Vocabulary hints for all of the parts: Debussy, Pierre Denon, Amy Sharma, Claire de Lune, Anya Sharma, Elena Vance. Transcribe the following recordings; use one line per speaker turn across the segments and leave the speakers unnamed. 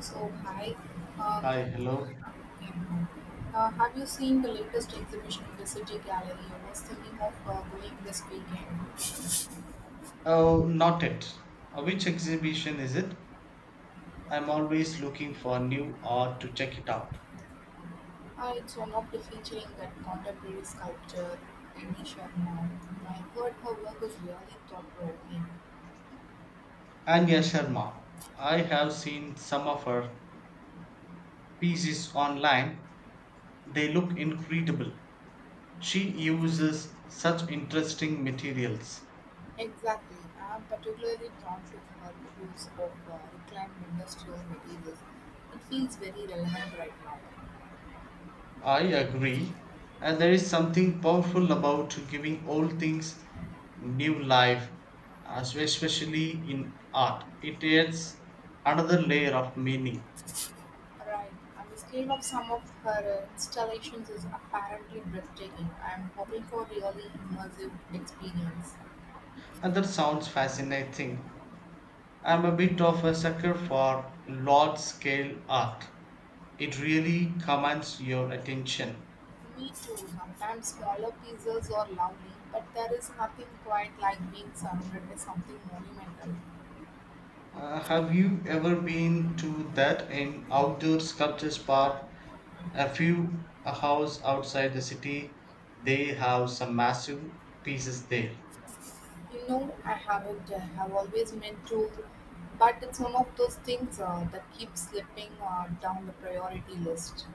So, hi. Um,
Hi, hello.
yeah. Have you seen the latest exhibition in the City Gallery? I was thinking of going this weekend.
Oh, not it. Which exhibition is it? I'm always looking for new art to check it out.
It's one of the featuring that contemporary sculptor Amy Sharma. I heard her work is really thought-provoking.
Anya Sharma. I have seen some of her pieces online. They look incredible. She uses such interesting materials.
Exactly. I'm particularly drawn to her use of reclaimed industrial materials. It feels very relevant right now.
I agree. And there is something powerful about giving old things new life, especially in art. It adds another layer of meaning.
Right, and the scale of some of her installations is apparently breathtaking. I'm hoping for really immersive experience.
And that sounds fascinating. I'm a bit of a sucker for large scale art. It really commands your attention.
Me too. Sometimes smaller pieces are lovely, but there is nothing quite like being surrounded by something monumental.
Have you ever been to that in outdoor sculptures park? A few a house outside the city, they have some massive pieces there.
You know, I haven't. I have always meant to, but it's one of those things that keeps slipping down the priority list.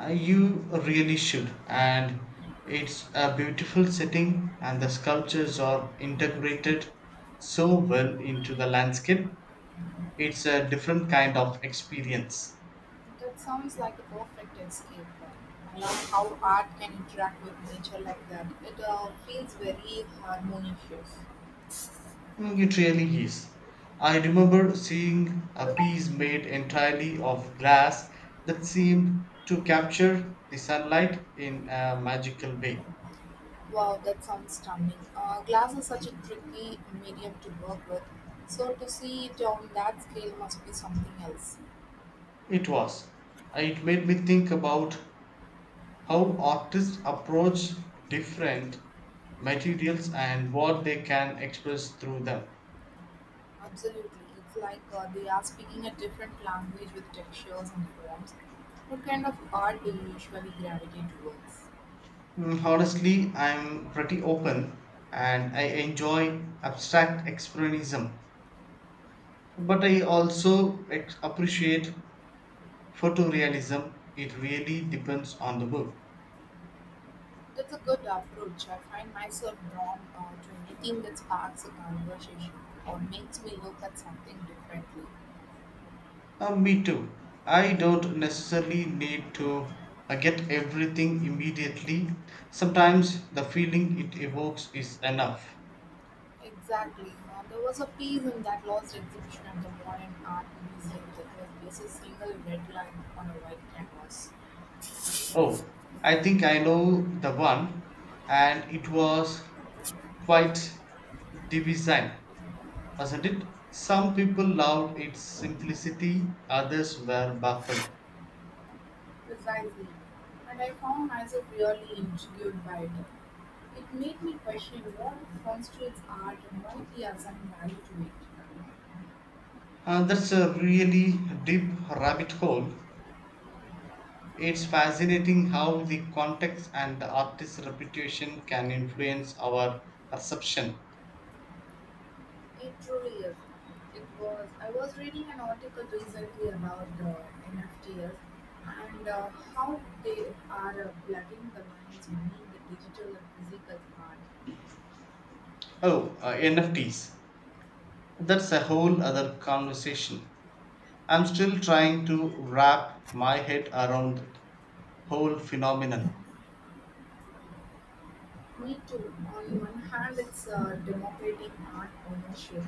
You really should, and it's a beautiful setting, and the sculptures are integrated so well into the landscape. It's a different kind of experience.
That sounds like a perfect escape plan. I love how art can interact with nature like that. It feels very harmonious.
Mm, it really is. I remember seeing a piece made entirely of glass that seemed to capture the sunlight in a magical way.
Wow, that sounds stunning. Glass is such a tricky medium to work with, so to see it on that scale must be something else.
It was. It made me think about how artists approach different materials and what they can express through them.
Absolutely, it's like they are speaking a different language with textures and forms. What kind of art do you usually gravitate towards?
Mm, honestly, I'm pretty open and I enjoy abstract expressionism, but I also appreciate photorealism. It really depends on the book.
That's a good approach. I find myself drawn to anything that sparks a conversation or makes me look at something differently.
Me too. I don't necessarily need to get everything immediately. Sometimes the feeling it evokes is enough.
Exactly. There was a piece in that lost exhibition at the Modern Art Museum that was just a single red line on a white canvas.
Oh, I think I know the one, and it was quite divisive, wasn't it? Some people loved its simplicity, others were baffled.
Precisely. And I found myself really intrigued by it. It made me question what constitutes art and why we assign value to it.
That's a really deep rabbit hole. It's fascinating how the context and the artist's reputation can influence our perception.
It truly is. It was. I was reading an article recently about NFTs and how they are blurring the lines between the digital and physical art.
Oh, NFTs. That's a whole other conversation. I'm still trying to wrap my head around that whole phenomenon.
Me too. On one hand, it's democratic art ownership,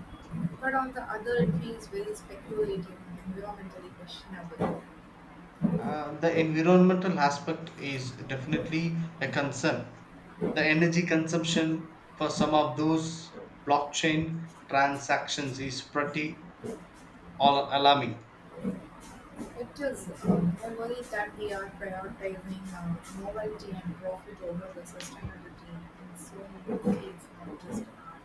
but on the other, it feels very speculative and environmentally questionable.
The environmental aspect is definitely a concern. The energy consumption for some of those blockchain transactions is pretty all alarming.
It is only that we are prioritizing novelty and profit over the sustainability in so many fields of artistic art.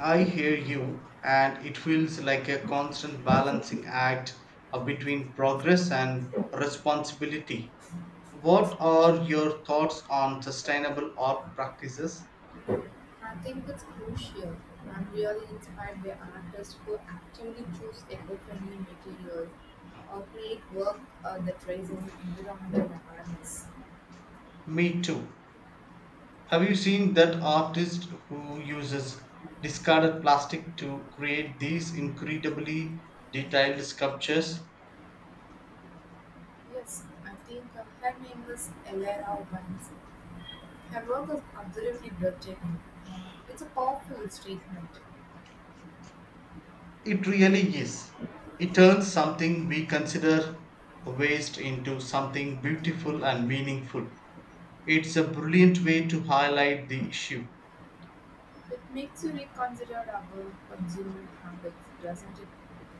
I hear you, and it feels like a constant balancing act between progress and responsibility. What are your thoughts on sustainable art practices?
I think it's crucial. I'm really inspired by artists who actively choose eco-friendly materials or create work that raises environmental awareness.
Me too. Have you seen that artist who uses discarded plastic to create these incredibly detailed sculptures?
Yes, I think her name is Elena Vance. Her work is absolutely breathtaking. Uh, it's a powerful statement.
It really is. It turns something we consider a waste into something beautiful and meaningful. It's a brilliant way to highlight the issue.
It makes you reconsider our consumer habits, doesn't it?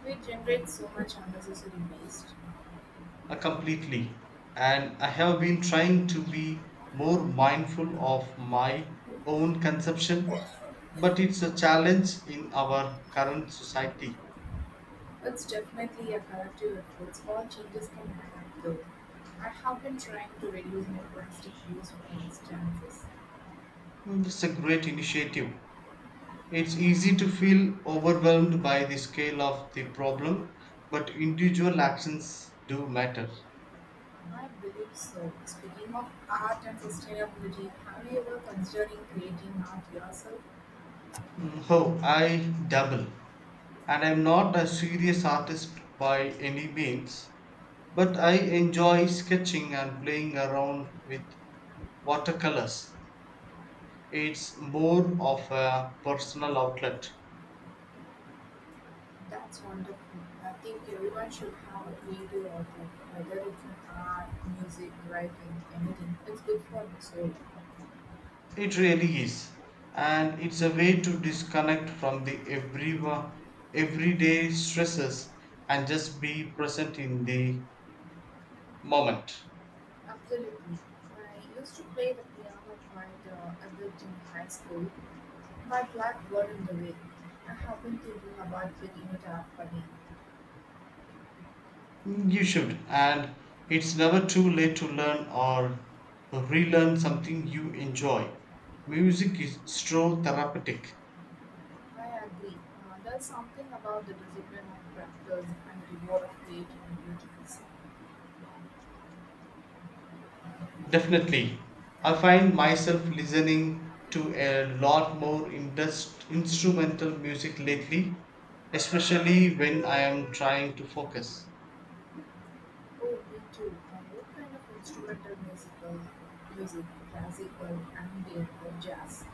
We generate so much unnecessary waste.
Completely. And I have been trying to be more mindful of my own consumption, but it's a challenge in our current society.
It's definitely a collective effort. Small changes can add up, though. I have been trying to reduce my plastic use, for instance.
Mm, it's a great initiative. It's easy to feel overwhelmed by the scale of the problem, but individual actions do matter.
I believe so. Speaking of art and sustainability, have you ever considering creating art yourself?
Mm, oh, I double. And I'm not a serious artist by any means, but I enjoy sketching and playing around with watercolors. It's more of a personal outlet.
That's wonderful. I think everyone should have a creative outlet, whether it's in art, music, writing, anything. It's good for the soul.
It really is. And it's a way to disconnect from the everyday stresses and just be present in the moment.
Absolutely. I used to play the piano quite a bit in high school. My black got in the way. I have been thinking about picking it up again.
You should. And it's never too late to learn or relearn something you enjoy. Music is so therapeutic.
I agree. There's something about the discipline of practice and the reward of creating beautiful.
Definitely. I find myself listening to a lot more instrumental music lately, especially when I am trying to focus.
Oh, me too. What kind of instrumental music? Classical, ambient, or jazz?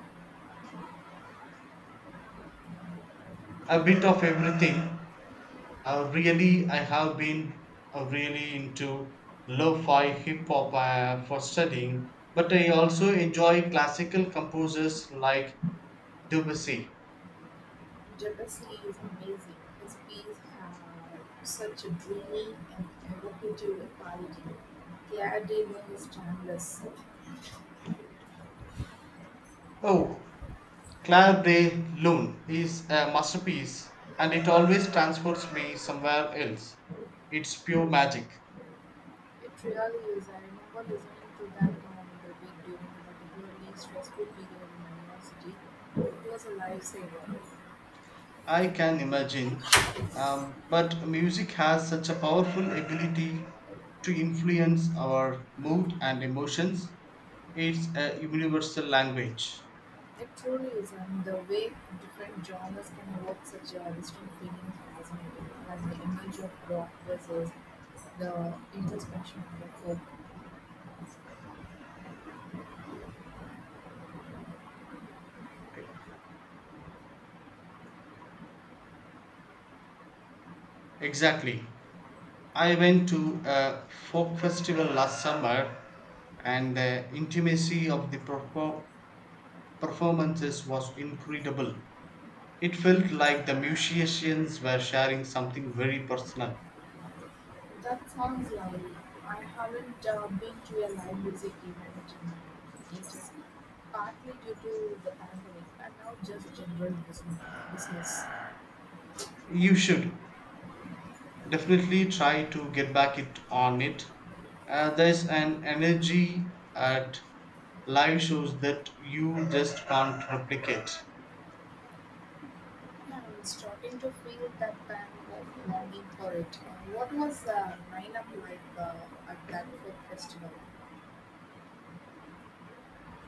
A bit of everything. I have been really into lo-fi hip hop for studying, but I also enjoy classical composers like Debussy.
Debussy is amazing. His pieces have such a dreamy and evocative quality. Pierre Denon is timeless.
Oh, Claire de Lune is a masterpiece and it always transports me somewhere else. It's pure magic.
It really is. I remember listening to that on the week during a particularly stressful period in my university. It was a lifesaver.
I can imagine. But music has such a powerful ability to influence our mood and emotions. It's a universal language.
It truly is, and the way different genres can evoke such distinct feelings is fascinating. And the image of rock versus the introspection of the folk.
Exactly. I went to a folk festival last summer and the intimacy of the performances was incredible. It felt like the musicians were sharing something very personal.
That sounds lovely. I haven't been to a live music event in ages, partly due to the pandemic and now just general business.
You should definitely try to get back it on it. There's an energy at live shows that you just can't replicate.
Yeah, I'm starting to feel that kind of longing for it. What was lineup like at that folk festival?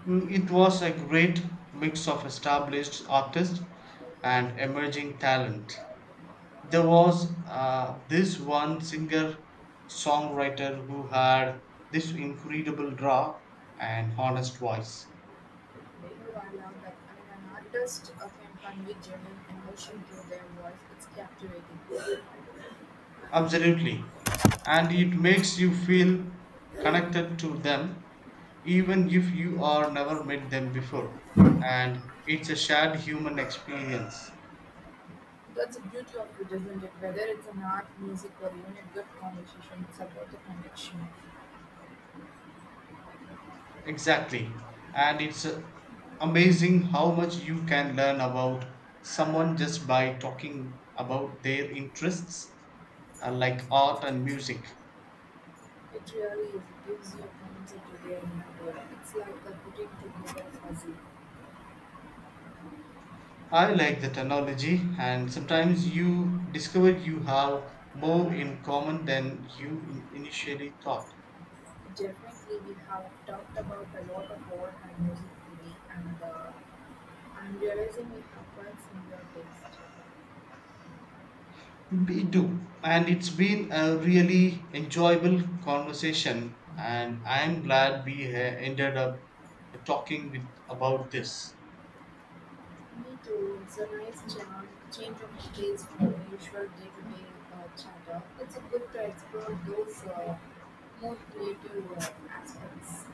Mm, it was a great mix of established artists and emerging talent. There was this one singer songwriter who had this incredible draw and honest voice.
You are loud that when an artist can convey genuine emotion through their voice. It's captivating.
Absolutely. And it makes you feel connected to them even if you are never met them before. And it's a shared human experience.
That's the beauty of it, isn't it? Whether it's an art, music, or even a good conversation, it's about the connection.
Exactly. And it's amazing how much you can learn about someone just by talking about their interests, like art and music.
It really is. It gives you a concept to their inner world. It's like a putting together fuzzy.
I like the analogy, and sometimes you discover you have more in common than you initially thought.
Definitely, we have talked about a lot of art and music today, and I'm realizing we have quite similar taste.
We do. And it's been a really enjoyable conversation, and I'm glad we ended up talking with, about this.
Me too. It's a nice change of pace from the usual day-to-day chatter. It's a good to explore those more creative aspects.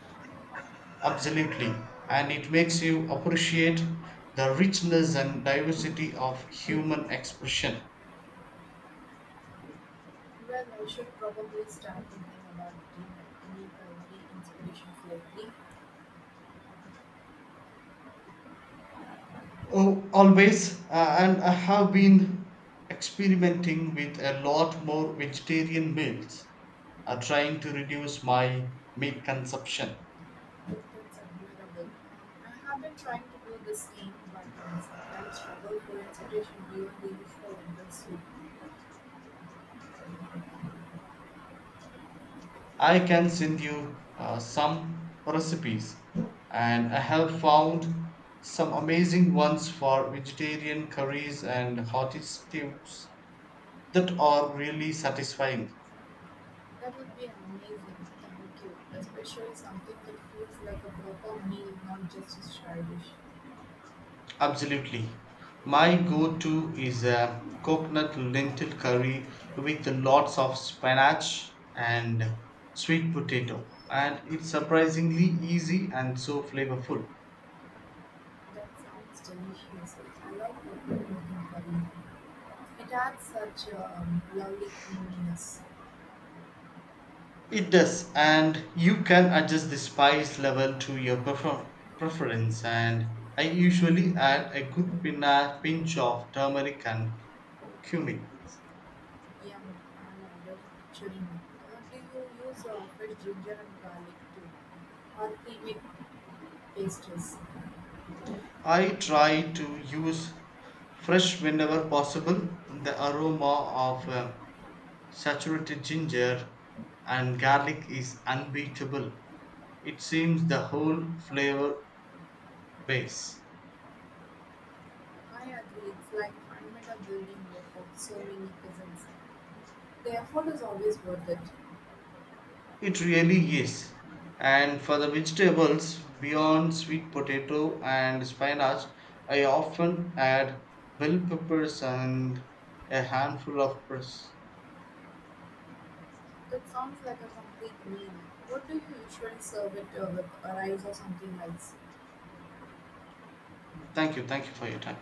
Absolutely. And it makes you appreciate the richness and diversity of human expression.
Well, I should probably start thinking about getting any culinary inspirations lately.
Oh, always. And I have been experimenting with a lot more vegetarian meals, trying to reduce my meat consumption.
That's admirable. I have been trying to do the same, but I sometimes struggle for inspiration beyond the usual industry.
I can send you some recipes, and I have found some amazing ones for vegetarian curries and hearty stews that are really satisfying.
That would be amazing, thank you. Especially something that feels like a proper meal, not just a side dish.
Absolutely. My go to is a coconut lentil curry with lots of spinach and sweet potato. And it's surprisingly easy and so flavorful.
That sounds delicious. I like purple looking curry. It adds such a lovely creaminess.
It does, and you can adjust the spice level to your preference. And I usually add a good pinch of turmeric and cumin.
Yum, I'm already picturing it. Do you use fresh ginger and garlic too? Or pre-made pastries?
I try to use fresh whenever possible. The aroma of saturated ginger and garlic is unbeatable. It seems the whole flavor base.
I agree, it's like I a building block of so many cousins. The effort is always worth it.
It really is. And for the vegetables, beyond sweet potato and spinach, I often add bell peppers and a handful of press.
That sounds like a complete meal. What do you usually serve it with? A rice or something else?
Thank you. Thank you for your time.